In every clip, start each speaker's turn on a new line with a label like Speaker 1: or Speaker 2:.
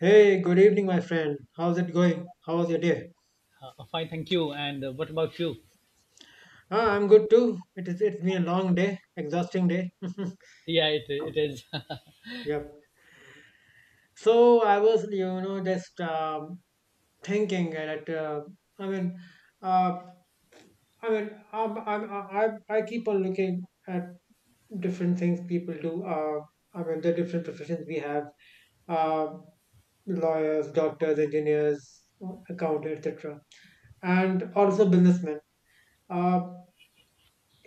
Speaker 1: Hey, good evening, my friend. How's it going? How was your day?
Speaker 2: Fine, thank you. And what about you?
Speaker 1: Ah, I'm good too. It's been a long day, exhausting day.
Speaker 2: Yeah, it is. Okay,
Speaker 1: Yeah. So I was, just thinking that I mean, uh, I mean, I'm, I keep on looking at different things people do. I mean, the different professions we have, uh, lawyers, doctors, engineers, accountants, etc., and also businessmen. Uh,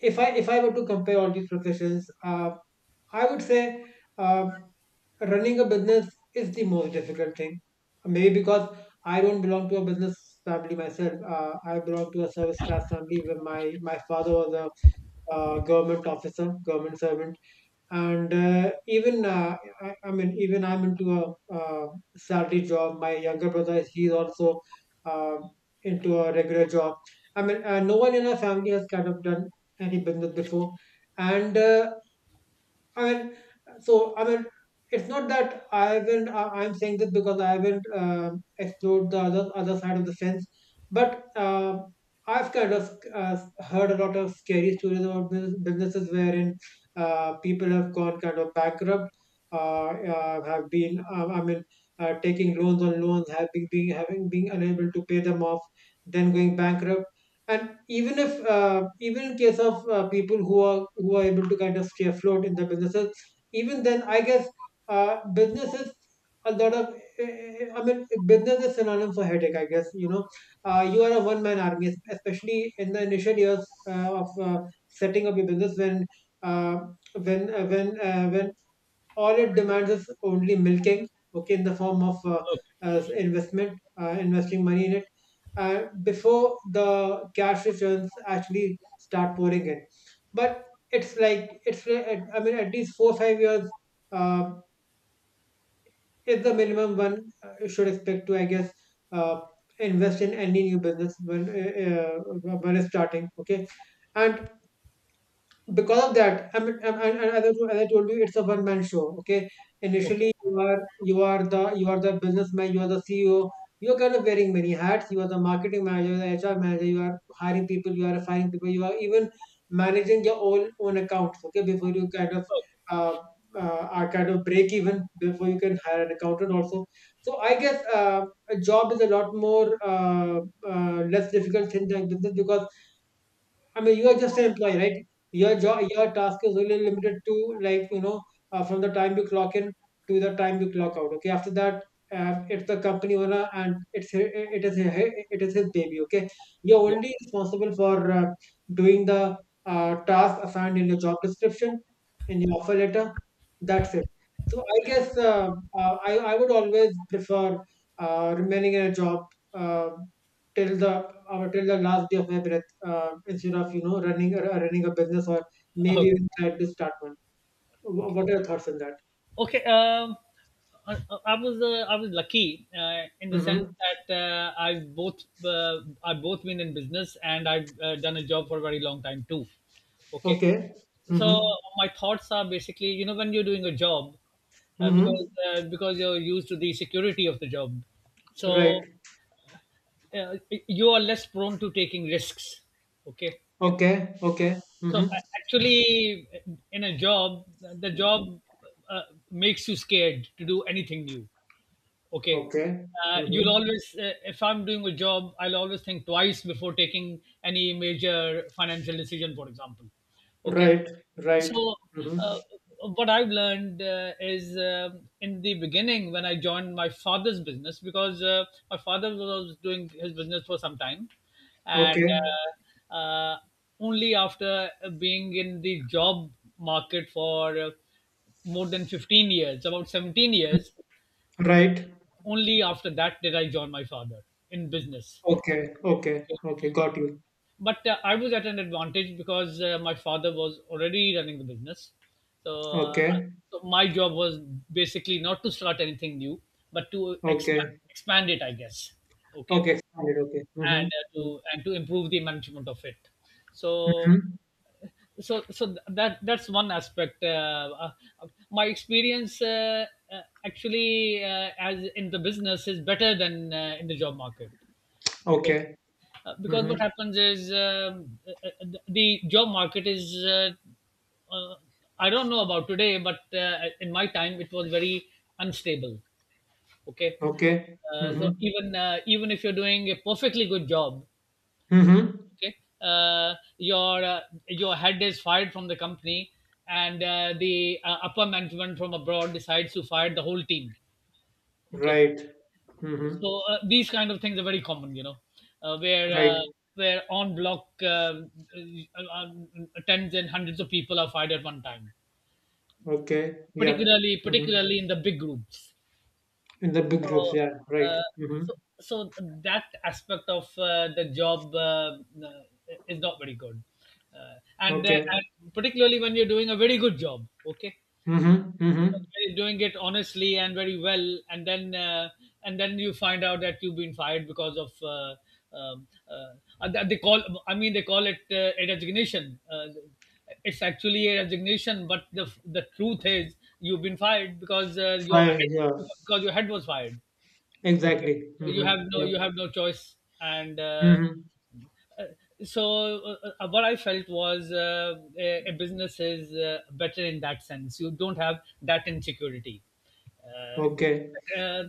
Speaker 1: if I were to compare all these professions, I would say uh, running a business is the most difficult thing. Maybe because I don't belong to a business family myself. I belong to a service class family where my father was a government officer, government servant, and even I'm into a salary job. My younger brother, he's also uh, into a regular job. No one in our family has kind of done any business before, and i mean so i mean it's not that I haven't I'm saying this because I haven't explored the other side of the fence, but I've kind of heard a lot of scary stories about businesses wherein people have gone kind of bankrupt, uh, have been taking loans on loans, have been being unable to pay them off, then going bankrupt. And even if even in case of people who are able to kind of stay afloat in their businesses, even then I guess business is a lot of i mean business is synonym for headache, I guess, you know. You are a one man army, especially in the initial years of setting up your business, when uh, when uh, when uh, when all it demands is only milking, okay, in the form of as investment, investing money in it before the cash returns actually start pouring in. But I mean at least 4 or 5 years uh, is the minimum one should expect to, I guess, uh, invest in any new business when it's starting, okay. And because of that, I mean, and as I told you, it's a one man show, okay.
Speaker 2: okay,
Speaker 1: Initially, you are the businessman, you are the CEO, you're kind of wearing many hats. You are the marketing manager, the HR manager. You are hiring people, you are firing people. You are even managing your own accounts, okay, before you kind of
Speaker 2: okay,
Speaker 1: uh, are kind of break even, before you can hire an accountant also. So I guess a job is a lot more less difficult thing than business because, I mean, you are just an employee, right? Your job, your task is only limited to, like, you know, from the time you clock in to the time you clock out. Okay, after that, it's the company owner and it's hi- it is his baby. Okay, you're
Speaker 2: yeah,
Speaker 1: only responsible for doing the task assigned in your job description, in your offer letter. That's it. So I guess I would always prefer remaining in a job uh, till the last day of my breath, instead of, you know, running a business or maybe
Speaker 2: okay,
Speaker 1: even try to start one.
Speaker 2: okay.
Speaker 1: What are your thoughts on that?
Speaker 2: Okay, I, I was lucky in the sense
Speaker 1: Mm-hmm.
Speaker 2: that I both been in business and I've done a job for a very long time too. Okay,
Speaker 1: Okay.
Speaker 2: so
Speaker 1: Mm-hmm.
Speaker 2: my thoughts are basically, you know, when you're doing a job,
Speaker 1: Mm-hmm.
Speaker 2: because you're used to the security of the job, so
Speaker 1: Right.
Speaker 2: uh, you are less prone to taking risks, okay.
Speaker 1: Okay. Okay.
Speaker 2: So
Speaker 1: Mm-hmm.
Speaker 2: a- actually, in a job, the job uh, makes you scared to do anything new, okay.
Speaker 1: Okay.
Speaker 2: You'll
Speaker 1: Mm-hmm.
Speaker 2: always if I'm doing a job, I'll always think twice before taking any major financial decision, for example, okay.
Speaker 1: Right. Right.
Speaker 2: So
Speaker 1: Mm-hmm.
Speaker 2: uh, what I've learned is, um, in the beginning when I joined my father's business, because my father was doing his business for some time. And
Speaker 1: Okay.
Speaker 2: uh, uh, only after being in the job market for more than 15 years, about 17 years,
Speaker 1: Right.
Speaker 2: only after that did I join my father in business.
Speaker 1: Okay. Okay.
Speaker 2: Okay.
Speaker 1: Okay. Got you.
Speaker 2: But I was at an advantage because my father was already running the business. So,
Speaker 1: Okay.
Speaker 2: so my job was basically not to start anything new, but to expand,
Speaker 1: Okay.
Speaker 2: expand it, I guess. Okay,
Speaker 1: Okay. Expanded. Okay.
Speaker 2: and
Speaker 1: Mm-hmm.
Speaker 2: to, and to improve the management of it. So
Speaker 1: Mm-hmm.
Speaker 2: so that that's one aspect. My experience actually as in the business is better than in the job market, okay.
Speaker 1: Okay.
Speaker 2: Because what
Speaker 1: Mm-hmm.
Speaker 2: happens is, the job market is uh, I don't know about today, but in my time it was very unstable, okay.
Speaker 1: Okay.
Speaker 2: So
Speaker 1: Mm-hmm.
Speaker 2: even even if you're doing a perfectly good job,
Speaker 1: Mm-hmm.
Speaker 2: okay, uh, your uh, your head is fired from the company, and the upper management from abroad decides to fire the whole team. Okay,
Speaker 1: Right. Mm-hmm.
Speaker 2: so these kind of things are very common, you know, uh, where
Speaker 1: Right.
Speaker 2: uh, where on block, tens and hundreds of people are fired at one time,
Speaker 1: Okay. Yeah.
Speaker 2: particularly
Speaker 1: Hmm.
Speaker 2: particularly in the big groups.
Speaker 1: In the big
Speaker 2: So,
Speaker 1: groups. Yeah. Right.
Speaker 2: uh,
Speaker 1: Hmm.
Speaker 2: so, so that aspect of the job is not very good. Uh, and,
Speaker 1: Okay.
Speaker 2: and particularly when you're doing a very good job, okay?
Speaker 1: Hmm. Hmm.
Speaker 2: When you're doing it honestly and very well, and then you find out that you've been fired because of and that they call. I mean, they call it a resignation. It's actually a resignation, but the truth is you've been fired because your
Speaker 1: Fire.
Speaker 2: head,
Speaker 1: Yeah.
Speaker 2: because your head was fired. Okay.
Speaker 1: Exactly.
Speaker 2: So you
Speaker 1: Hmm.
Speaker 2: have no,
Speaker 1: Yeah.
Speaker 2: you have no choice, and
Speaker 1: Hmm.
Speaker 2: uh, so what I felt was a business is better in that sense. You don't have that insecurity. Uh, th-
Speaker 1: Okay.
Speaker 2: uh, uh,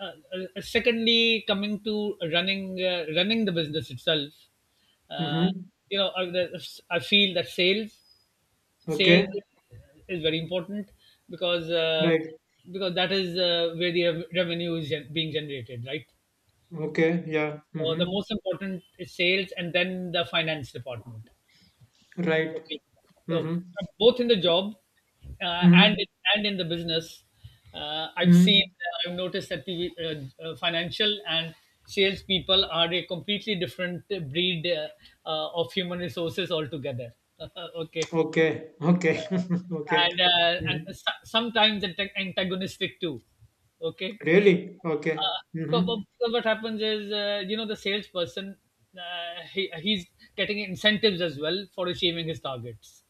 Speaker 2: uh, Secondly, coming to running running the business itself, uh,
Speaker 1: Hmm.
Speaker 2: you know, I feel that sales
Speaker 1: Okay.
Speaker 2: sales is very important, because uh,
Speaker 1: Right.
Speaker 2: because that is where the revenue is being generated, right?
Speaker 1: Okay. Yeah.
Speaker 2: So the
Speaker 1: Hmm.
Speaker 2: most important is sales, and then the finance department.
Speaker 1: Right.
Speaker 2: Okay. So
Speaker 1: Hmm.
Speaker 2: both in the job uh, and
Speaker 1: Hmm.
Speaker 2: and in the business, I've seen
Speaker 1: Hmm.
Speaker 2: I've noticed that the financial and sales people are a completely different breed of human resources altogether. Okay,
Speaker 1: Okay. Okay. okay. Hmm.
Speaker 2: and sometimes antagonistic too. Okay,
Speaker 1: Really? Okay.
Speaker 2: uh,
Speaker 1: Hmm.
Speaker 2: but, but what happens is, you know, the salesperson, he's getting incentives as well for achieving his targets.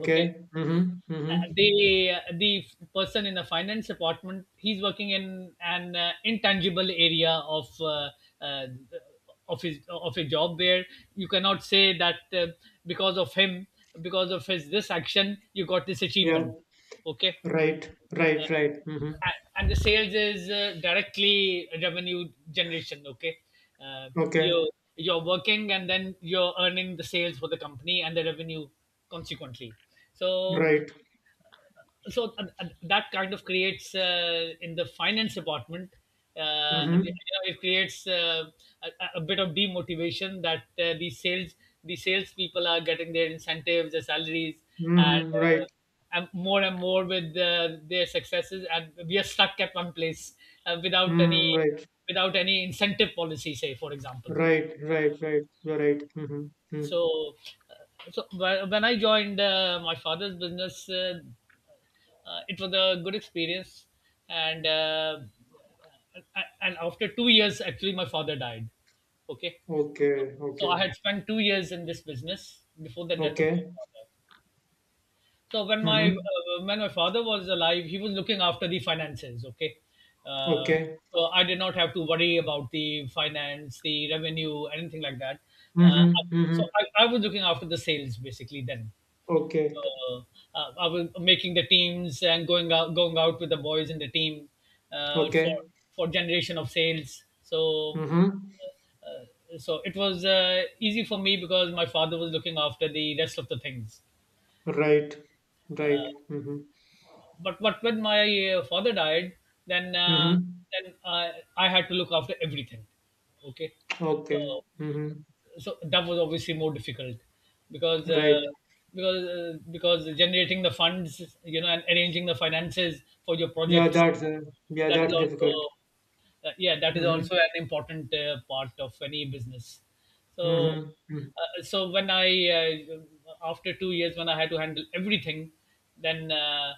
Speaker 2: Okay.
Speaker 1: Hmm. Hmm.
Speaker 2: The person in the finance department, he's working in an intangible area of uh, uh, of his, of a job where you cannot say that because of him, because of his this action, you got this
Speaker 1: Yeah.
Speaker 2: achievement. Okay.
Speaker 1: Right.
Speaker 2: Uh,
Speaker 1: Right. Right. Hmm.
Speaker 2: and the sales is directly revenue generation, okay. uh,
Speaker 1: Okay.
Speaker 2: you, you're working and then you're earning the sales for the company and the revenue consequently. So
Speaker 1: Right.
Speaker 2: so that kind of creates in the finance department you
Speaker 1: Hmm.
Speaker 2: know, it creates a bit of demotivation that the sales people are getting their incentives, their salaries, and,
Speaker 1: Mm-hmm, right.
Speaker 2: uh, and more with their successes, and we are stuck at one place without any,
Speaker 1: Mm-hmm, right.
Speaker 2: without any incentive policy, say, for example.
Speaker 1: Right. Right. Right. You're right. Mm-hmm. Mm.
Speaker 2: So so when I joined my father's business, it was a good experience. And and after 2 years, actually, my father died, okay.
Speaker 1: Okay.
Speaker 2: So I
Speaker 1: Okay.
Speaker 2: had spent 2 years in this business before the death of my
Speaker 1: Okay.
Speaker 2: father. So
Speaker 1: Mm-hmm.
Speaker 2: when my father was alive, he was looking after the finances, okay. uh,
Speaker 1: Okay.
Speaker 2: so I did not have to worry about the finance, the revenue, anything like that. uh,
Speaker 1: Mm-hmm. Mm-hmm.
Speaker 2: so I was looking after the sales basically then.
Speaker 1: Okay.
Speaker 2: uh, I was making the teams and going out with the boys in the team uh, for
Speaker 1: Okay.
Speaker 2: for generation of sales. So
Speaker 1: Mm-hmm.
Speaker 2: so it was easy for me because my father was looking after the rest of the things.
Speaker 1: Right. Right. Mm-hmm.
Speaker 2: But when my father died, then uh,
Speaker 1: Mm-hmm.
Speaker 2: then I had to look after everything. Okay,
Speaker 1: Okay.
Speaker 2: so
Speaker 1: Mm-hmm.
Speaker 2: so that was obviously more difficult, because uh,
Speaker 1: Right.
Speaker 2: because generating the funds, you know, and arranging the finances for your
Speaker 1: Yeah,
Speaker 2: projects,
Speaker 1: that's uh, yeah,
Speaker 2: that is
Speaker 1: that's difficult.
Speaker 2: also yeah, that is
Speaker 1: Mm-hmm.
Speaker 2: also an important part of any business. So
Speaker 1: Mm-hmm. Mm.
Speaker 2: so when I after 2 years when I had to handle everything, then uh,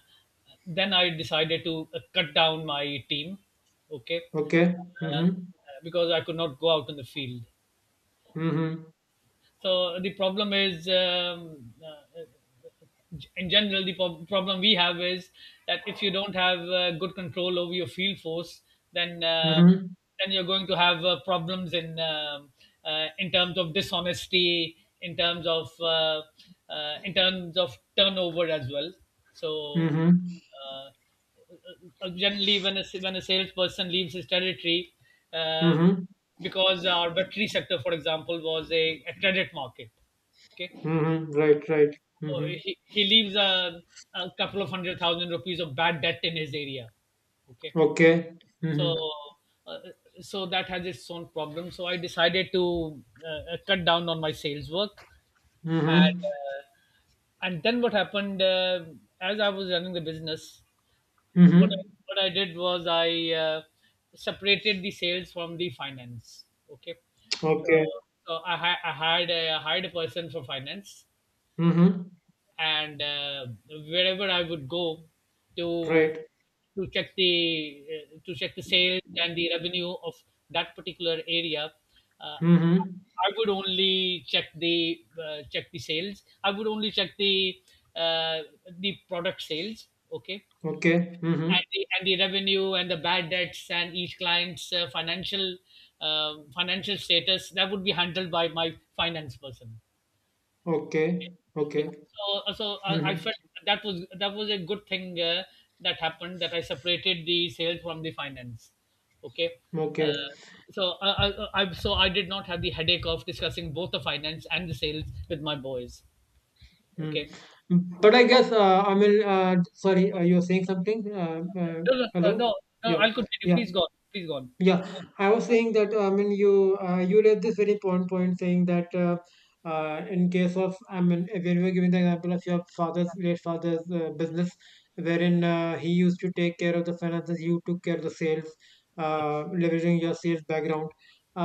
Speaker 2: then I decided to cut down my team, okay.
Speaker 1: Okay.
Speaker 2: uh,
Speaker 1: Mm-hmm.
Speaker 2: because I could not go out in the field,
Speaker 1: Mm-hmm.
Speaker 2: so the problem is, in general, the problem we have is that if you don't have good control over your field force, then um
Speaker 1: Mm-hmm.
Speaker 2: then you're going to have problems in terms of dishonesty, in terms of turnover as well. So
Speaker 1: Mm-hmm.
Speaker 2: uh, generally, when a, when a salesperson leaves his territory, uh,
Speaker 1: Mm-hmm.
Speaker 2: because our battery sector, for example, was a credit market. Okay,
Speaker 1: Mm-hmm. Right. Right.
Speaker 2: so
Speaker 1: Mm-hmm.
Speaker 2: he leaves a couple of 100,000 rupees of bad debt in his area. Okay.
Speaker 1: Okay.
Speaker 2: So,
Speaker 1: Mm-hmm.
Speaker 2: uh, so that has its own problem. So I decided to cut down on my sales work. And,
Speaker 1: Mm-hmm.
Speaker 2: uh, and then what happened, as I was running the business, what I,
Speaker 1: Mm-hmm.
Speaker 2: what I did was I separated the sales from the finance. Okay. So,
Speaker 1: Okay.
Speaker 2: so I hired a person for finance,
Speaker 1: Mm-hmm.
Speaker 2: and wherever I would go to,
Speaker 1: Right.
Speaker 2: to check the sales and the revenue of that particular area. Uh,
Speaker 1: Mm-hmm.
Speaker 2: I would only check the sales. I would only check uh, the product sales. Okay.
Speaker 1: Okay. Mm-hmm.
Speaker 2: And the revenue and the bad debts and each client's financial financial status, that would be handled by my finance person. Okay.
Speaker 1: Okay.
Speaker 2: Okay.
Speaker 1: Okay.
Speaker 2: So, so I
Speaker 1: Mm-hmm.
Speaker 2: felt that was a good thing that happened, that I separated the sales from the finance. Okay.
Speaker 1: Okay.
Speaker 2: Uh, so I, so I did not have the headache of discussing both the finance and the sales with my boys.
Speaker 1: Mm.
Speaker 2: Okay.
Speaker 1: But I guess I mean, sorry, you were saying something?
Speaker 2: No, no, no,
Speaker 1: Hello?
Speaker 2: no, no,
Speaker 1: Yeah.
Speaker 2: I'll continue.
Speaker 1: Yeah.
Speaker 2: Please go. On. Please go on.
Speaker 1: Yeah, I was saying that I mean you raised this very important point saying that in case of, I mean, if when we were giving the example of your father's late father's business wherein he used to take care of the finances, you took care of the sales,
Speaker 2: Okay.
Speaker 1: leveraging your sales background.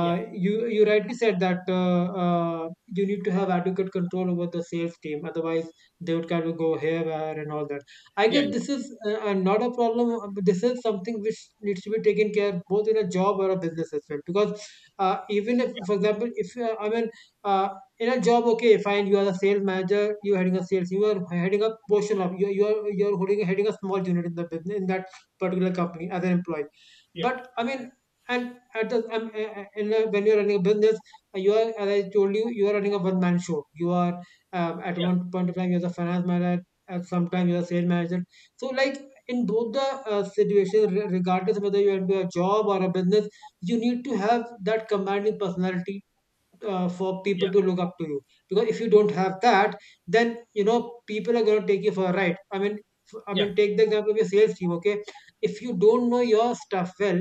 Speaker 2: Yeah.
Speaker 1: You you rightly said that you need to have adequate control over the sales team, otherwise they would kind of go haywire and all that. I
Speaker 2: Yeah.
Speaker 1: guess
Speaker 2: Yeah.
Speaker 1: this is not a problem. This is something which needs to be taken care both in a job or a business as well. Because even if, for example, if I mean uh, in a job, okay, fine, you are a sales manager, you are heading a sales, you are heading a portion of you you are holding heading a small unit in the business in that particular company as an employee.
Speaker 2: Yeah.
Speaker 1: But I mean, and at the in a, when you are running a business, you are, as I told you, you are running a one man show. You are at
Speaker 2: Yeah.
Speaker 1: one point of time, you are the finance manager and sometimes you are sales manager. So, like in both the situations, regardless whether you have a job or a business, you need to have that commanding personality for
Speaker 2: Yeah.
Speaker 1: people to look up to you, because if you don't have that, then, you know, people are going to take you for a ride. I mean, I
Speaker 2: Yeah. Yeah.
Speaker 1: mean, take the example of your sales team, okay. If you don't know your stuff well,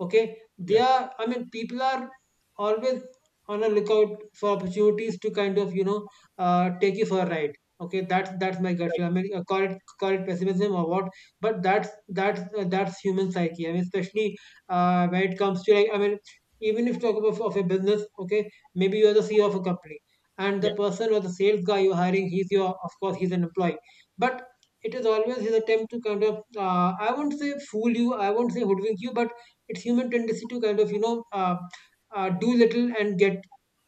Speaker 1: okay, they
Speaker 2: Yeah.
Speaker 1: are I mean people are always on a lookout for opportunities to kind of, you know, take you for a ride, okay. That's my gut
Speaker 2: Right.
Speaker 1: feel. I mean, call it pessimism or what. But that's that's human psyche. I mean, especially when it comes to, like, I mean, even if you talk about of a business, okay, maybe you are the CEO of a company, and the
Speaker 2: Yeah.
Speaker 1: person or the sales guy you're hiring, he's your, of course, he's an employee, but it is always his attempt to kind of I won't say fool you, I won't say hoodwink you, but it's human tendency to kind of, you know, do little and get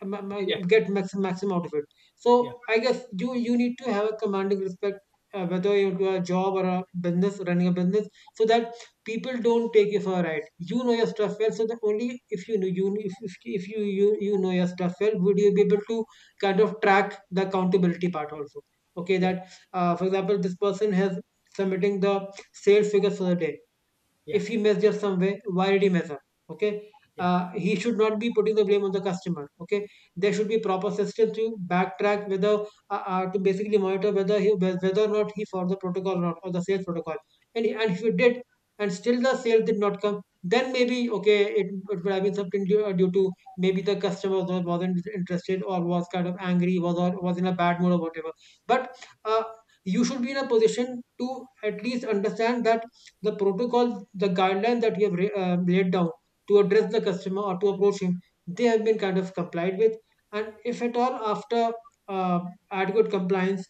Speaker 2: Yeah.
Speaker 1: maximum out of it. So
Speaker 2: Yeah.
Speaker 1: I guess you need to have a commanding respect, whether you do a job or a business running a business, so that people don't take you for a ride. You know your stuff well, so that only if you know you if you know your stuff well, would you be able to kind of track the accountability part also? Okay,
Speaker 2: Yeah.
Speaker 1: that for example, this person has submitting the sales figures for the day.
Speaker 2: Yeah.
Speaker 1: If he messed up somewhere, why did he mess up? Okay. He should not be putting the blame on the customer. Okay, there should be proper system to backtrack whether to basically monitor whether he whether or not he followed the protocol or not, or the sales protocol. And if you did, and still the sale did not come, then maybe okay, it could have been something due, due to maybe the customer was, wasn't interested, or was kind of angry, was or was in a bad mood or whatever. But uh, you should be in a position to at least understand that the protocol, the guideline that you have laid down to address the customer or to approach him, they have been kind of complied with. And if at all after uh, adequate compliance,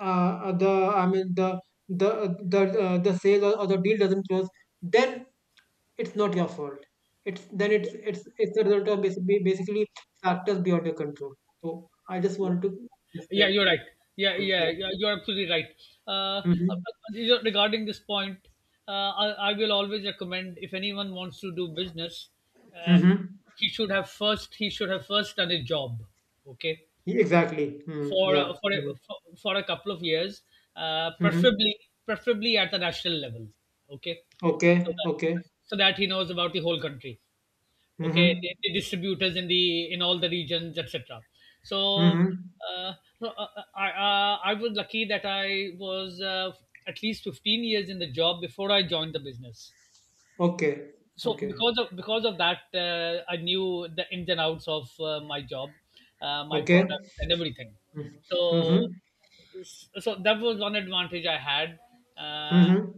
Speaker 1: the I mean the sale, or the deal doesn't close, then it's not your fault. It's, then it's
Speaker 2: Yeah.
Speaker 1: a result of basically factors beyond your control. So I just wanted to just
Speaker 2: Yeah, you're right. Yeah, yeah,
Speaker 1: yeah.
Speaker 2: yeah, you're absolutely right. Uh, uh,
Speaker 1: Mm-hmm.
Speaker 2: Regarding this point, I will always recommend, if anyone wants to do business, uh,
Speaker 1: Mm-hmm.
Speaker 2: he should have first, he should have first done a job, okay,
Speaker 1: Exactly. Mm,
Speaker 2: for
Speaker 1: yeah. Mm-hmm.
Speaker 2: for a couple of years, uh,
Speaker 1: Mm-hmm.
Speaker 2: preferably preferably at the national level, okay, so
Speaker 1: Okay,
Speaker 2: that
Speaker 1: okay.
Speaker 2: so that he knows about the whole country, okay,
Speaker 1: Mhm.
Speaker 2: the distributors in the, in all the regions, etc. So
Speaker 1: Mhm.
Speaker 2: uh, so, I was lucky that I was at least 15 years in the job before I joined the business.
Speaker 1: Okay.
Speaker 2: So
Speaker 1: Okay.
Speaker 2: because of, because of that, I knew the ins and outs of my job, my
Speaker 1: Okay.
Speaker 2: product, and everything.
Speaker 1: Mm.
Speaker 2: So
Speaker 1: Mhm.
Speaker 2: so that was one advantage I had, uh,
Speaker 1: Mhm.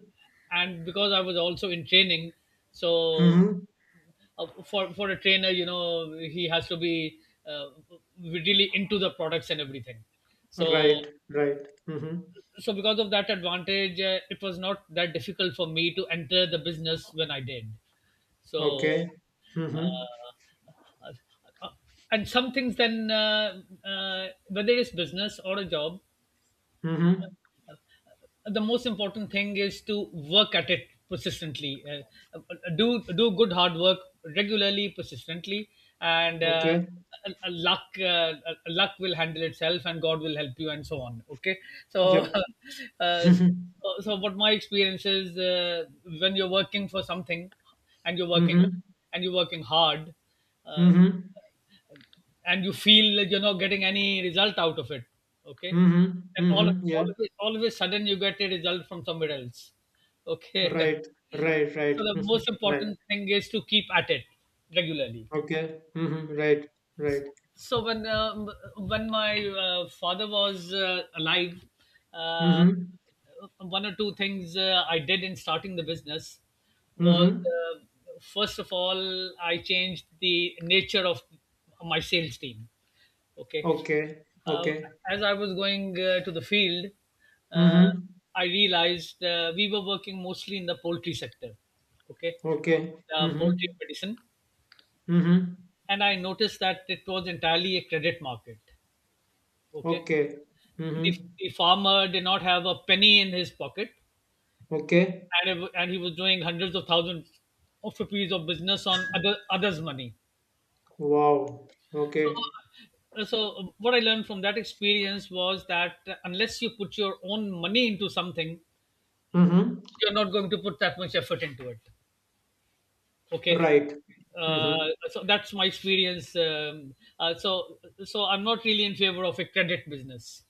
Speaker 2: and because I was also in training, so
Speaker 1: Mhm.
Speaker 2: for a trainer, you know, he has to be uh, really into the products and everything. So
Speaker 1: Right, right. Mhm.
Speaker 2: so because of that advantage, it was not that difficult for me to enter the business when I did. So
Speaker 1: Okay. Mhm.
Speaker 2: uh, uh, uh, and some things then, whether it's business or a job,
Speaker 1: Mhm.
Speaker 2: the most important thing is to work at it persistently. Do good hard work regularly, persistently, and
Speaker 1: Okay.
Speaker 2: luck, luck will handle itself and God will help you and so on. Okay. So
Speaker 1: Yep.
Speaker 2: uh,
Speaker 1: Mhm.
Speaker 2: so, what my experience is, when you're working for something and you're working
Speaker 1: Mhm.
Speaker 2: and you're working hard, um,
Speaker 1: Mhm.
Speaker 2: and you feel that you're not getting any result out of it. Okay,
Speaker 1: Mhm.
Speaker 2: and
Speaker 1: Mhm. Yeah.
Speaker 2: all of a sudden you get a result from somewhere else. Okay.
Speaker 1: Right.
Speaker 2: So
Speaker 1: Right, right.
Speaker 2: the
Speaker 1: Mhm.
Speaker 2: most
Speaker 1: Right.
Speaker 2: important thing is to keep at it regularly.
Speaker 1: Okay. Mhm. Right. Right.
Speaker 2: So when my father was alive, uh,
Speaker 1: Mhm.
Speaker 2: one or two things I did in starting the business was,
Speaker 1: Mhm.
Speaker 2: first of all, I changed the nature of my sales team. Okay.
Speaker 1: Okay.
Speaker 2: Uh,
Speaker 1: Okay.
Speaker 2: as I was going to the field, uh,
Speaker 1: Mhm.
Speaker 2: I realized we were working mostly in the poultry sector. Okay.
Speaker 1: Okay.
Speaker 2: The poultry
Speaker 1: Mhm.
Speaker 2: medicine.
Speaker 1: Mhm.
Speaker 2: And I noticed that it was entirely a credit market. Okay.
Speaker 1: Okay.
Speaker 2: The,
Speaker 1: Mm-hmm.
Speaker 2: the farmer did not have a penny in his pocket,
Speaker 1: Okay.
Speaker 2: and he was doing hundreds of thousands of rupees of business on others' money.
Speaker 1: Wow.
Speaker 2: So,
Speaker 1: Okay.
Speaker 2: so what I learned from that experience was that unless you put your own money into something,
Speaker 1: Mm-hmm.
Speaker 2: you're not going to put that much effort into it. Okay.
Speaker 1: Right.
Speaker 2: Uh,
Speaker 1: Mm-hmm.
Speaker 2: so that's my experience. So, so I'm not really in favor of a credit business.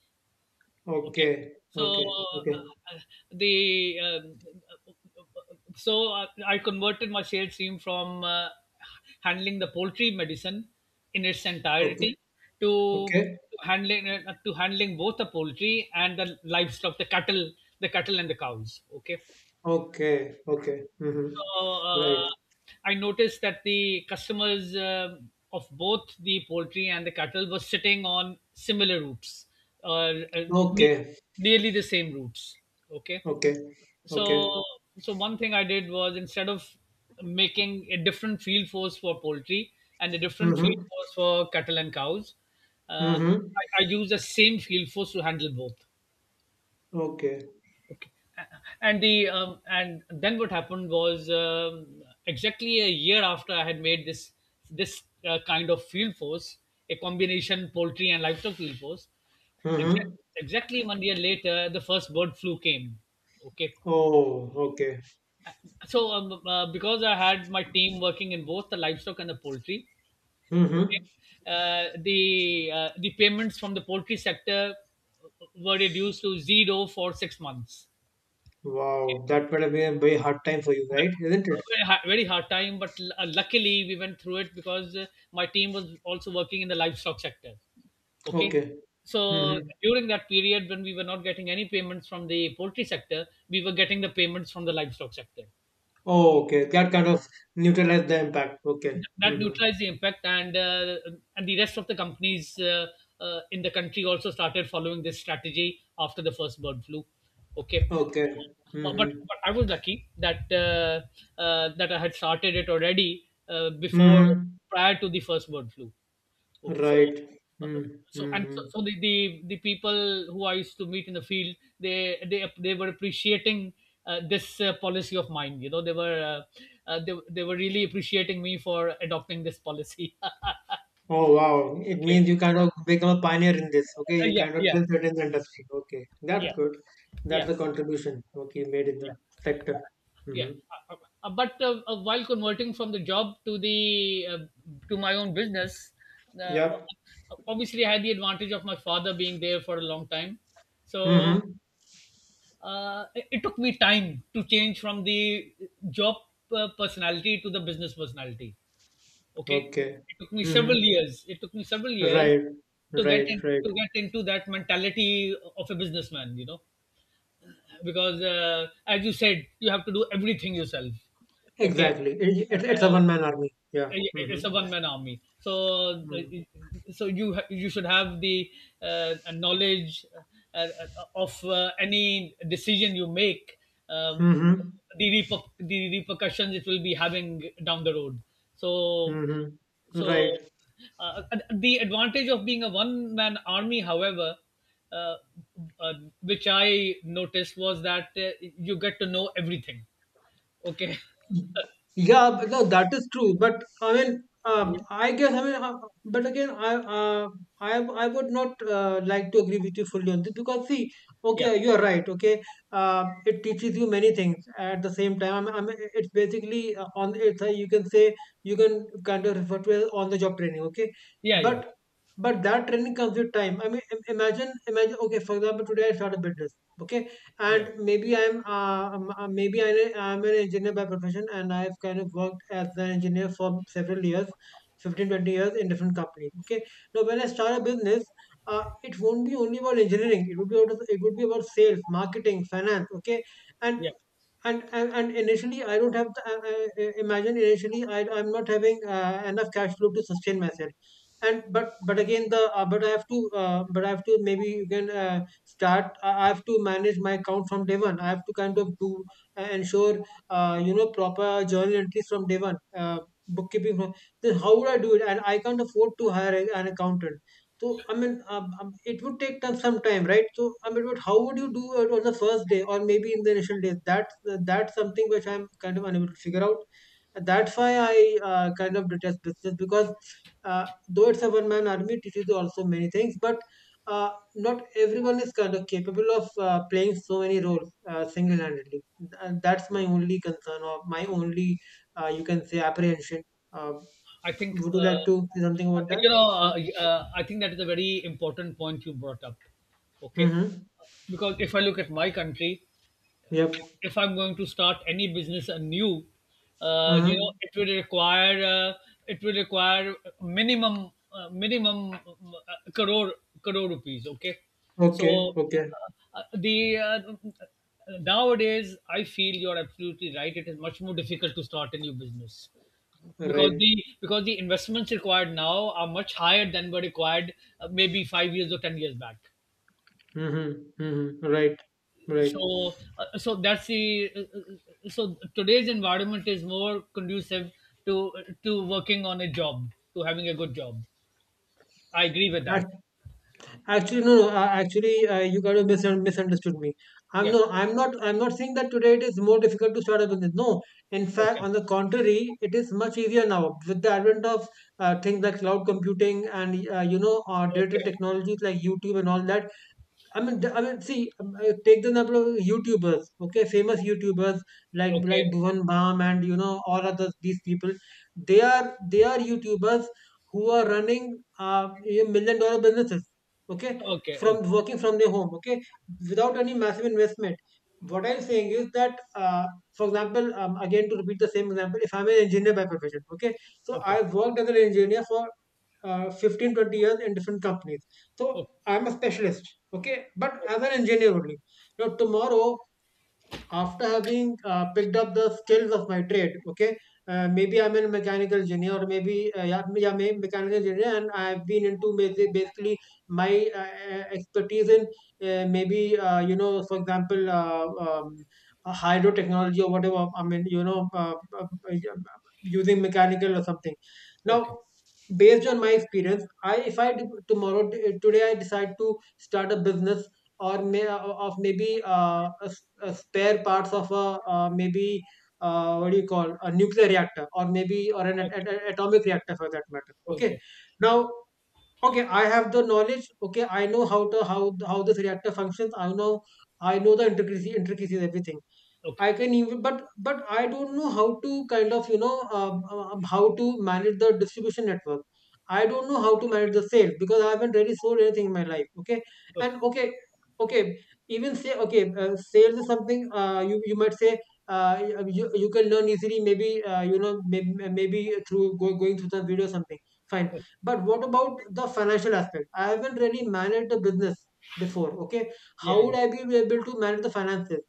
Speaker 2: Okay.
Speaker 1: Okay.
Speaker 2: So,
Speaker 1: Okay.
Speaker 2: uh,
Speaker 1: Okay.
Speaker 2: uh, the so I converted my sales team from handling the poultry medicine in its
Speaker 1: Okay.
Speaker 2: entirety to
Speaker 1: Okay.
Speaker 2: handling both the poultry and the livestock, the cattle and the cows. Okay.
Speaker 1: Okay. Okay. Mm-hmm.
Speaker 2: So,
Speaker 1: Right.
Speaker 2: I noticed that the customers of both the poultry and the cattle were sitting on similar routes, uh, uh, ne-
Speaker 1: Okay.
Speaker 2: nearly the same routes. Okay,
Speaker 1: Okay.
Speaker 2: so
Speaker 1: Okay.
Speaker 2: so one thing I did was, instead of making a different field force for poultry and a different field
Speaker 1: Mm-hmm.
Speaker 2: force for cattle and cows, uh,
Speaker 1: Mm-hmm.
Speaker 2: I used the same field force to handle both.
Speaker 1: Okay.
Speaker 2: Okay. A- and the and then what happened was, exactly a year after I had made this kind of field force, a combination poultry and livestock field force. Exact,
Speaker 1: Mm-hmm.
Speaker 2: exactly 1 year later, the first bird flu came. Okay.
Speaker 1: Oh, okay.
Speaker 2: So because I had my team working in both the livestock and the poultry, okay,
Speaker 1: Mm-hmm.
Speaker 2: the payments from the poultry sector uh, were reduced to zero for 6 months. Okay.
Speaker 1: Wow. That would have been a very hard time for you, right? Isn't it?
Speaker 2: Very hard, very hard time, but luckily we went through it because my team was also working in the livestock sector. Okay.
Speaker 1: Okay.
Speaker 2: So
Speaker 1: Mm-hmm.
Speaker 2: during that period when we were not getting any payments from the poultry sector, we were getting the payments from the livestock sector.
Speaker 1: Oh, okay. That kind of neutralized the impact. Okay.
Speaker 2: That
Speaker 1: Mm-hmm.
Speaker 2: neutralized the impact, and and the rest of the companies in the country also started following this strategy after the first bird flu. Okay,
Speaker 1: Okay.
Speaker 2: so
Speaker 1: Mm-hmm.
Speaker 2: but I was lucky that that I had started it already before,
Speaker 1: Mm-hmm.
Speaker 2: prior to the first bird flu. Okay, so
Speaker 1: Right.
Speaker 2: uh,
Speaker 1: Mm-hmm.
Speaker 2: so and
Speaker 1: Mm-hmm.
Speaker 2: the people who I used to meet in the field, they were appreciating this policy of mine. You know, they were really appreciating me for adopting this policy.
Speaker 1: Oh, wow. It
Speaker 2: Okay.
Speaker 1: means you kind of become a pioneer in this. Okay, you
Speaker 2: Yeah,
Speaker 1: kind of
Speaker 2: yeah,
Speaker 1: trailset in the industry. Okay.
Speaker 2: yeah,
Speaker 1: That's good. That's
Speaker 2: yeah.
Speaker 1: the contribution. Okay, you made in the sector.
Speaker 2: Yeah.
Speaker 1: Mm-hmm.
Speaker 2: Uh, uh, but while converting from the job to the to my own business, uh,
Speaker 1: Yep.
Speaker 2: obviously I had the advantage of my father being there for a long time. So
Speaker 1: Mm-hmm.
Speaker 2: it it took me time to change from the job personality to the business personality. Okay,
Speaker 1: Okay.
Speaker 2: it took me several
Speaker 1: Mm-hmm.
Speaker 2: years. It took me several years
Speaker 1: Right.
Speaker 2: to
Speaker 1: Right. Right.
Speaker 2: to get into that mentality of a businessman. You know, because as you said, you have to do everything yourself. Okay.
Speaker 1: Exactly. It's a
Speaker 2: Uh,
Speaker 1: one man army. Yeah.
Speaker 2: Yeah, it's
Speaker 1: Mm-hmm.
Speaker 2: a one man army. So uh,
Speaker 1: Mm-hmm.
Speaker 2: so you should have the knowledge, uh, uh, of any decision you make, um,
Speaker 1: Mm-hmm.
Speaker 2: the the repercussions it will be having down the road. So
Speaker 1: Mm-hmm.
Speaker 2: so
Speaker 1: Right.
Speaker 2: uh, the advantage of being a one man army, however, uh, uh, which I noticed, was that you get to know everything. Okay.
Speaker 1: Yeah, but no, that is true. But I mean,
Speaker 2: Yeah,
Speaker 1: I guess I mean, but again, I I would not like to agree with you fully on this because see,
Speaker 2: yeah,
Speaker 1: okay, you are right. Okay, it teaches you many things at the same time. I mean, it's basically on it's you can say you can kind of refer to it as on the job training. Okay,
Speaker 2: yeah,
Speaker 1: but that training comes with time. I mean, imagine. Okay, for example, today I start a business. Okay,
Speaker 2: yeah,
Speaker 1: and maybe I am an engineer by profession, and I've kind of worked as an engineer for several years, 15-20 years in different companies. Okay, now when I start a business, it won't be only about engineering. It would be about, sales, marketing, finance. Okay, and
Speaker 2: yeah.
Speaker 1: and initially I don't have the, imagine initially I'm not having enough cash flow to sustain myself. And but again the but I have to maybe you can start I have to manage my account from day one. I have to kind of do ensure you know proper journal entries from day one, bookkeeping from, then how would I do it? And I can't afford to hire an accountant. So I mean, it would take time, some time, right? So I mean, but how would you do it on the first day or maybe in the initial days? That's something which I'm kind of unable to figure out. And that's why I kind of detest business because though it's a one-man army, it teaches you also many things, but not everyone is kind of capable of playing so many roles single-handedly. And that's my only concern or my only, you can say, apprehension. Uh,
Speaker 2: I think,
Speaker 1: would you like
Speaker 2: uh,
Speaker 1: to say something about that?
Speaker 2: you know,
Speaker 1: Uh,
Speaker 2: I think that is a very important point you brought up. Okay.
Speaker 1: Mm-hmm.
Speaker 2: Because if I look at my country,
Speaker 1: Yep.
Speaker 2: if I'm going to start any business anew,
Speaker 1: Hmm.
Speaker 2: you know, it will require minimum, minimum crore rupees. Okay,
Speaker 1: Okay,
Speaker 2: so
Speaker 1: okay,
Speaker 2: the nowadays I feel you're absolutely right. It is much more difficult to start a new business because
Speaker 1: right.
Speaker 2: the investments required now are much higher than were required maybe 5 years or 10 years back.
Speaker 1: Mm-hmm, mm-hmm, right, right.
Speaker 2: So so that's the so today's environment is more conducive to to working on a job, to having a good job. I agree with
Speaker 1: Ac-
Speaker 2: that.
Speaker 1: Actually, no, no. Actually, you kind of misunderstood me. I'm
Speaker 2: Yeah.
Speaker 1: No, I'm not. I'm not saying that today it is more difficult to start a business. No, in fact,
Speaker 2: Okay,
Speaker 1: on the contrary, it is much easier now with the advent of things like cloud computing and digital
Speaker 2: okay,
Speaker 1: technologies like YouTube and all that. I mean, see, take the number of YouTubers, okay, famous YouTubers like
Speaker 2: okay,
Speaker 1: like Bhuvan Bam, and all other these people. They are YouTubers who are running uh a $1 million businesses, okay,
Speaker 2: okay,
Speaker 1: from
Speaker 2: okay,
Speaker 1: working from their home, okay, without any massive investment. What I'm saying is that, for example, again to repeat the same example, if I'm an engineer by profession, okay, so
Speaker 2: okay,
Speaker 1: I've worked as an engineer for 15-20 years in different companies, so
Speaker 2: okay,
Speaker 1: I'm a specialist, okay, but as an engineer only. Now tomorrow, after having picked up the skills of my trade, okay, maybe I'm a mechanical engineer, or maybe, yeah, yeah, maybe mechanical engineer, and I've been into basically my expertise in, maybe, for example, hydro technology or whatever. I mean, uh, uh, using mechanical or something. Now,
Speaker 2: okay,
Speaker 1: based on my experience, I if I d- tomorrow t- today I decide to start a business, or maybe a, s- a spare parts of a, maybe what do you call, a nuclear reactor, or maybe or an,
Speaker 2: okay,
Speaker 1: at- atomic reactor for that matter, okay?
Speaker 2: okay, okay,
Speaker 1: Now, okay, I have the knowledge. Okay, I know how to how how this reactor functions. I know the intricacy intricacies, everything.
Speaker 2: okay,
Speaker 1: I can even, but I don't know how to kind of how to manage the distribution network. I don't know how to manage the sales because I haven't really sold anything in my life. Okay, and okay, okay, even say okay, sales is something, you might say, you can learn easily. Maybe you know maybe, maybe through going through the video or something. Fine,
Speaker 2: okay.
Speaker 1: but what about the financial aspect? I haven't really managed the business before. Okay,
Speaker 2: Yeah,
Speaker 1: how would
Speaker 2: yeah,
Speaker 1: I be able to manage the finances?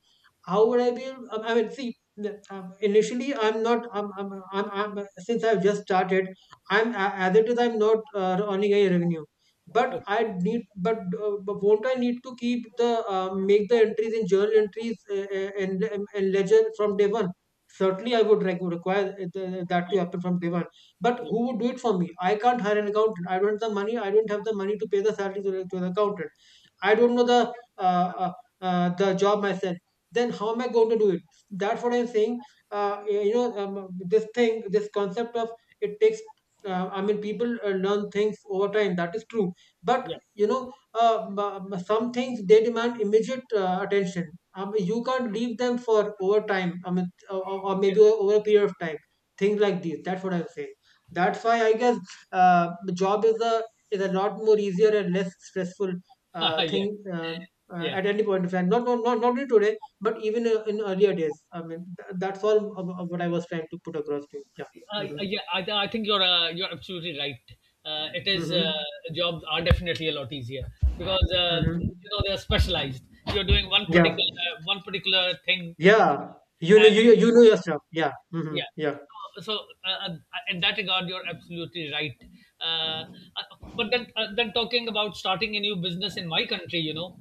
Speaker 1: How would I be? Able, I mean, see, initially I'm not. I'm since I've just started, I'm as it is. I'm not earning any revenue, but
Speaker 2: okay.
Speaker 1: won't I need to keep the make the entries, in journal entries, and ledger from day one? Certainly, I would require that to
Speaker 2: Yeah,
Speaker 1: happen from day one. But
Speaker 2: yeah,
Speaker 1: who would do it for me? I can't hire an accountant. I don't have the money. I don't have the money to pay the salary to the accountant. I don't know the job myself. Then how am I going to do it? That's what I'm saying. This thing, this concept of, it takes. I mean, people learn things over time. That is true, but
Speaker 2: yeah.
Speaker 1: some things they demand immediate attention. I mean, you can't leave them for over time. I mean, or maybe
Speaker 2: Okay.
Speaker 1: over a period of time. Things like these. That's what I'm saying. That's why I guess the job is a lot more easier and less stressful thing,
Speaker 2: Yeah, yeah.
Speaker 1: at any point of time. Not only today, but even in earlier days. I mean, that's all of what I was trying to put across to you. Yeah. Mm-hmm.
Speaker 2: Yeah, I think you're absolutely right. It is
Speaker 1: Mm-hmm.
Speaker 2: jobs are definitely a lot easier because you
Speaker 1: Hmm.
Speaker 2: know they're specialized. You're doing
Speaker 1: Yeah.
Speaker 2: one particular thing,
Speaker 1: Yeah. You know,
Speaker 2: and
Speaker 1: you, you know your stuff. Yeah. Mm-hmm.
Speaker 2: yeah.
Speaker 1: Yeah.
Speaker 2: So, so uh, uh, uh, in that regard, you're absolutely right. Uh, uh, but then, then, talking about starting a new business in my country, you know,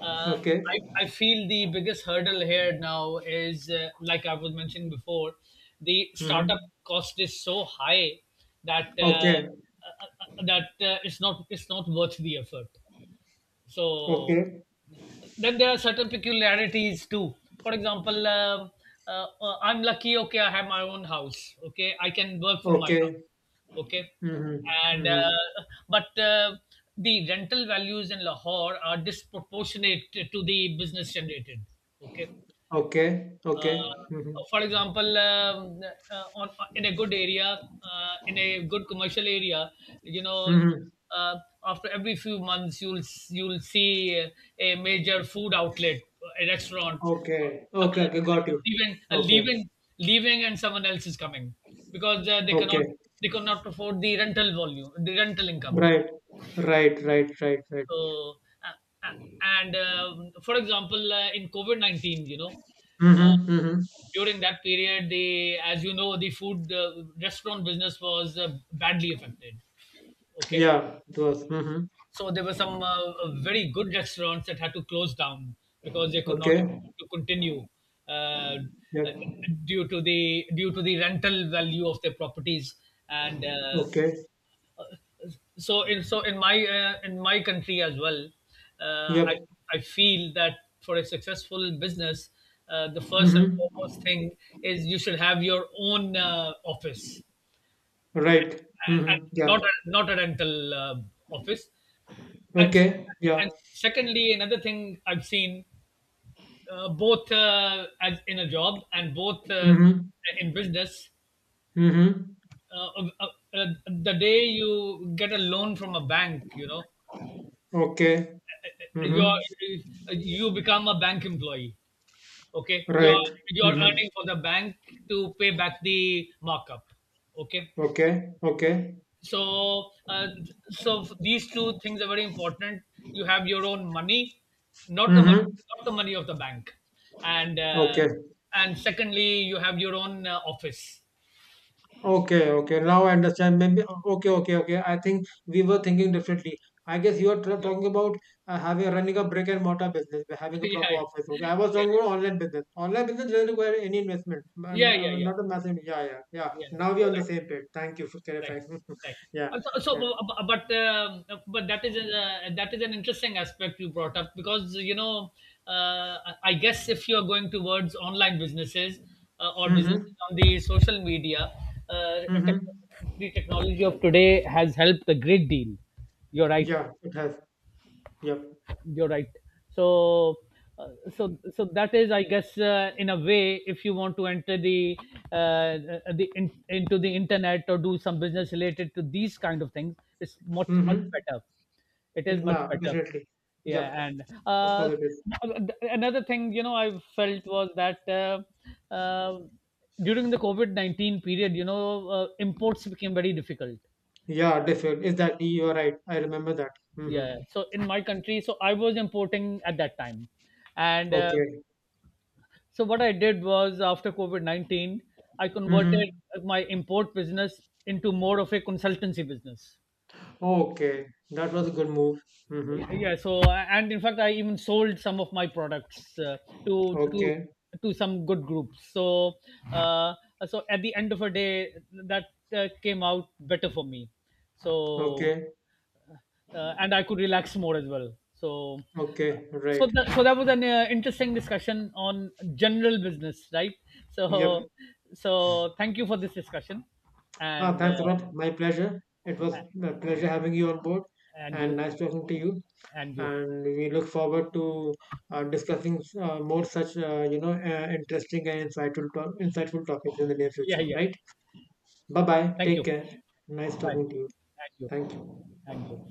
Speaker 1: Okay.
Speaker 2: I feel the biggest hurdle here now is, like I was mentioning before, the startup
Speaker 1: Mm-hmm.
Speaker 2: cost is so high that
Speaker 1: Okay.
Speaker 2: it's not, it's not worth the effort. So
Speaker 1: Okay.
Speaker 2: then there are certain peculiarities too. For example, I'm lucky. Okay, I have my own house. Okay, I can work from my house.
Speaker 1: Okay.
Speaker 2: Okay,
Speaker 1: Mm-hmm.
Speaker 2: and
Speaker 1: Mm-hmm.
Speaker 2: but the rental values in Lahore are disproportionate to the business generated. Okay,
Speaker 1: Okay.
Speaker 2: uh,
Speaker 1: Okay.
Speaker 2: for
Speaker 1: Mm-hmm.
Speaker 2: example, uh, on, in a good area, in a good commercial area, you know,
Speaker 1: Mm-hmm.
Speaker 2: uh, after every few months, you'll you'll see a major food outlet, a restaurant,
Speaker 1: Okay. Okay.
Speaker 2: someone
Speaker 1: Okay. Got you.
Speaker 2: leaving,
Speaker 1: Okay.
Speaker 2: and someone else is coming because they cannot,
Speaker 1: Okay.
Speaker 2: they cannot afford the rental volume, the rental income.
Speaker 1: Right. Right. Right. Right. Right.
Speaker 2: So, and for example, in COVID 19, you know. uh,
Speaker 1: Mhm, mhm.
Speaker 2: During that period, the as you know, the food restaurant business was badly affected. Okay,
Speaker 1: Yeah, it was. Mhm.
Speaker 2: so there were some very good restaurants that had to close down because they could not
Speaker 1: Okay.
Speaker 2: afford to continue, uh, uh,
Speaker 1: Yep.
Speaker 2: due to the rental value of their properties. And
Speaker 1: Okay.
Speaker 2: so in so in my country as well, uh, i
Speaker 1: Yep.
Speaker 2: I feel that for a successful business, the first and
Speaker 1: Mhm.
Speaker 2: foremost thing is you should have your own office,
Speaker 1: Right.
Speaker 2: and
Speaker 1: Mhm. Yeah.
Speaker 2: not a, not a rental office. and
Speaker 1: Okay. Yeah.
Speaker 2: and secondly, another thing I've seen, both as in a job, and both
Speaker 1: Mhm.
Speaker 2: in business,
Speaker 1: Mhm.
Speaker 2: uh, uh, the day you get a loan from a bank, you know,
Speaker 1: Okay.
Speaker 2: you're
Speaker 1: Mhm.
Speaker 2: you become a bank employee. Okay,
Speaker 1: Right.
Speaker 2: you're
Speaker 1: Mhm.
Speaker 2: earning for the bank to pay back the markup. Okay,
Speaker 1: Okay. Okay.
Speaker 2: so so these two things are very important. You have your own money, not the money,
Speaker 1: Mhm.
Speaker 2: not the money of the bank, and uh,
Speaker 1: Okay.
Speaker 2: and secondly, you have your own office.
Speaker 1: Okay, okay. Now I understand. Maybe okay, okay, okay. I think we were thinking differently. I guess you are tra-
Speaker 2: Yeah.
Speaker 1: talking about having running a brick and mortar business, by having a proper
Speaker 2: Yeah,
Speaker 1: office. Okay, I was
Speaker 2: yeah,
Speaker 1: talking about online business. Online business doesn't require any investment, and
Speaker 2: yeah, yeah, yeah, yeah,
Speaker 1: not a massive. Yeah, yeah, yeah.
Speaker 2: yeah.
Speaker 1: Now we are
Speaker 2: You're
Speaker 1: on the
Speaker 2: right.
Speaker 1: same page. Thank you for
Speaker 2: Right,
Speaker 1: clarifying.
Speaker 2: right.
Speaker 1: Yeah,
Speaker 2: Uh, So, so
Speaker 1: yeah.
Speaker 2: bu- but that is an interesting aspect you brought up because you know uh, I guess if you are going towards online businesses or businesses
Speaker 1: Mm-hmm.
Speaker 2: on the social media, uh,
Speaker 1: Mm-hmm.
Speaker 2: tech- the technology of today has helped a great deal. You're right.
Speaker 1: Yeah, it has. Yep.
Speaker 2: You're right. So uh, so so that is, I guess, in a way, if you want to enter the uh, into the internet, or do some business related to these kind of things, it's much, much
Speaker 1: Mm-hmm.
Speaker 2: better. It
Speaker 1: It
Speaker 2: is much
Speaker 1: ma
Speaker 2: better.
Speaker 1: Definitely. Yep.
Speaker 2: Yeah. And
Speaker 1: Of course it is.
Speaker 2: another thing, you know, I felt was that, uh, during the covid-19 period, you know, imports became very difficult.
Speaker 1: Yeah, definitely. Is that you are right? I remember that. Mm-hmm.
Speaker 2: Yeah, so in my country, so I was importing at that time. And
Speaker 1: Okay.
Speaker 2: so what I did was, after COVID 19, I converted
Speaker 1: Mm-hmm.
Speaker 2: my import business into more of a consultancy business.
Speaker 1: Okay, that was a good move. Mm-hmm.
Speaker 2: Okay. Yeah. So, and in fact, I even sold some of my products to to
Speaker 1: Okay,
Speaker 2: to some good groups. So uh, so at the end of a day, that came out better for me. So
Speaker 1: okay,
Speaker 2: and I could relax more as well. So, uh,
Speaker 1: okay,
Speaker 2: so
Speaker 1: right.
Speaker 2: that was an interesting discussion on general business, right? So,
Speaker 1: Yep.
Speaker 2: so thank you for this discussion,
Speaker 1: Ah,
Speaker 2: and
Speaker 1: thanks,
Speaker 2: uh,
Speaker 1: Amit. My pleasure. It was a pleasure having you on board,
Speaker 2: and
Speaker 1: and
Speaker 2: you,
Speaker 1: nice talking to you.
Speaker 2: and you,
Speaker 1: And we look forward to discussing more such, interesting and insightful, insightful topics in the near
Speaker 2: yeah,
Speaker 1: future,
Speaker 2: yeah,
Speaker 1: right? Bye
Speaker 2: yeah.
Speaker 1: bye.
Speaker 2: Thank
Speaker 1: Take
Speaker 2: you.
Speaker 1: care. Nice
Speaker 2: Bye.
Speaker 1: talking to you.
Speaker 2: And you,
Speaker 1: Thank you.
Speaker 2: and you.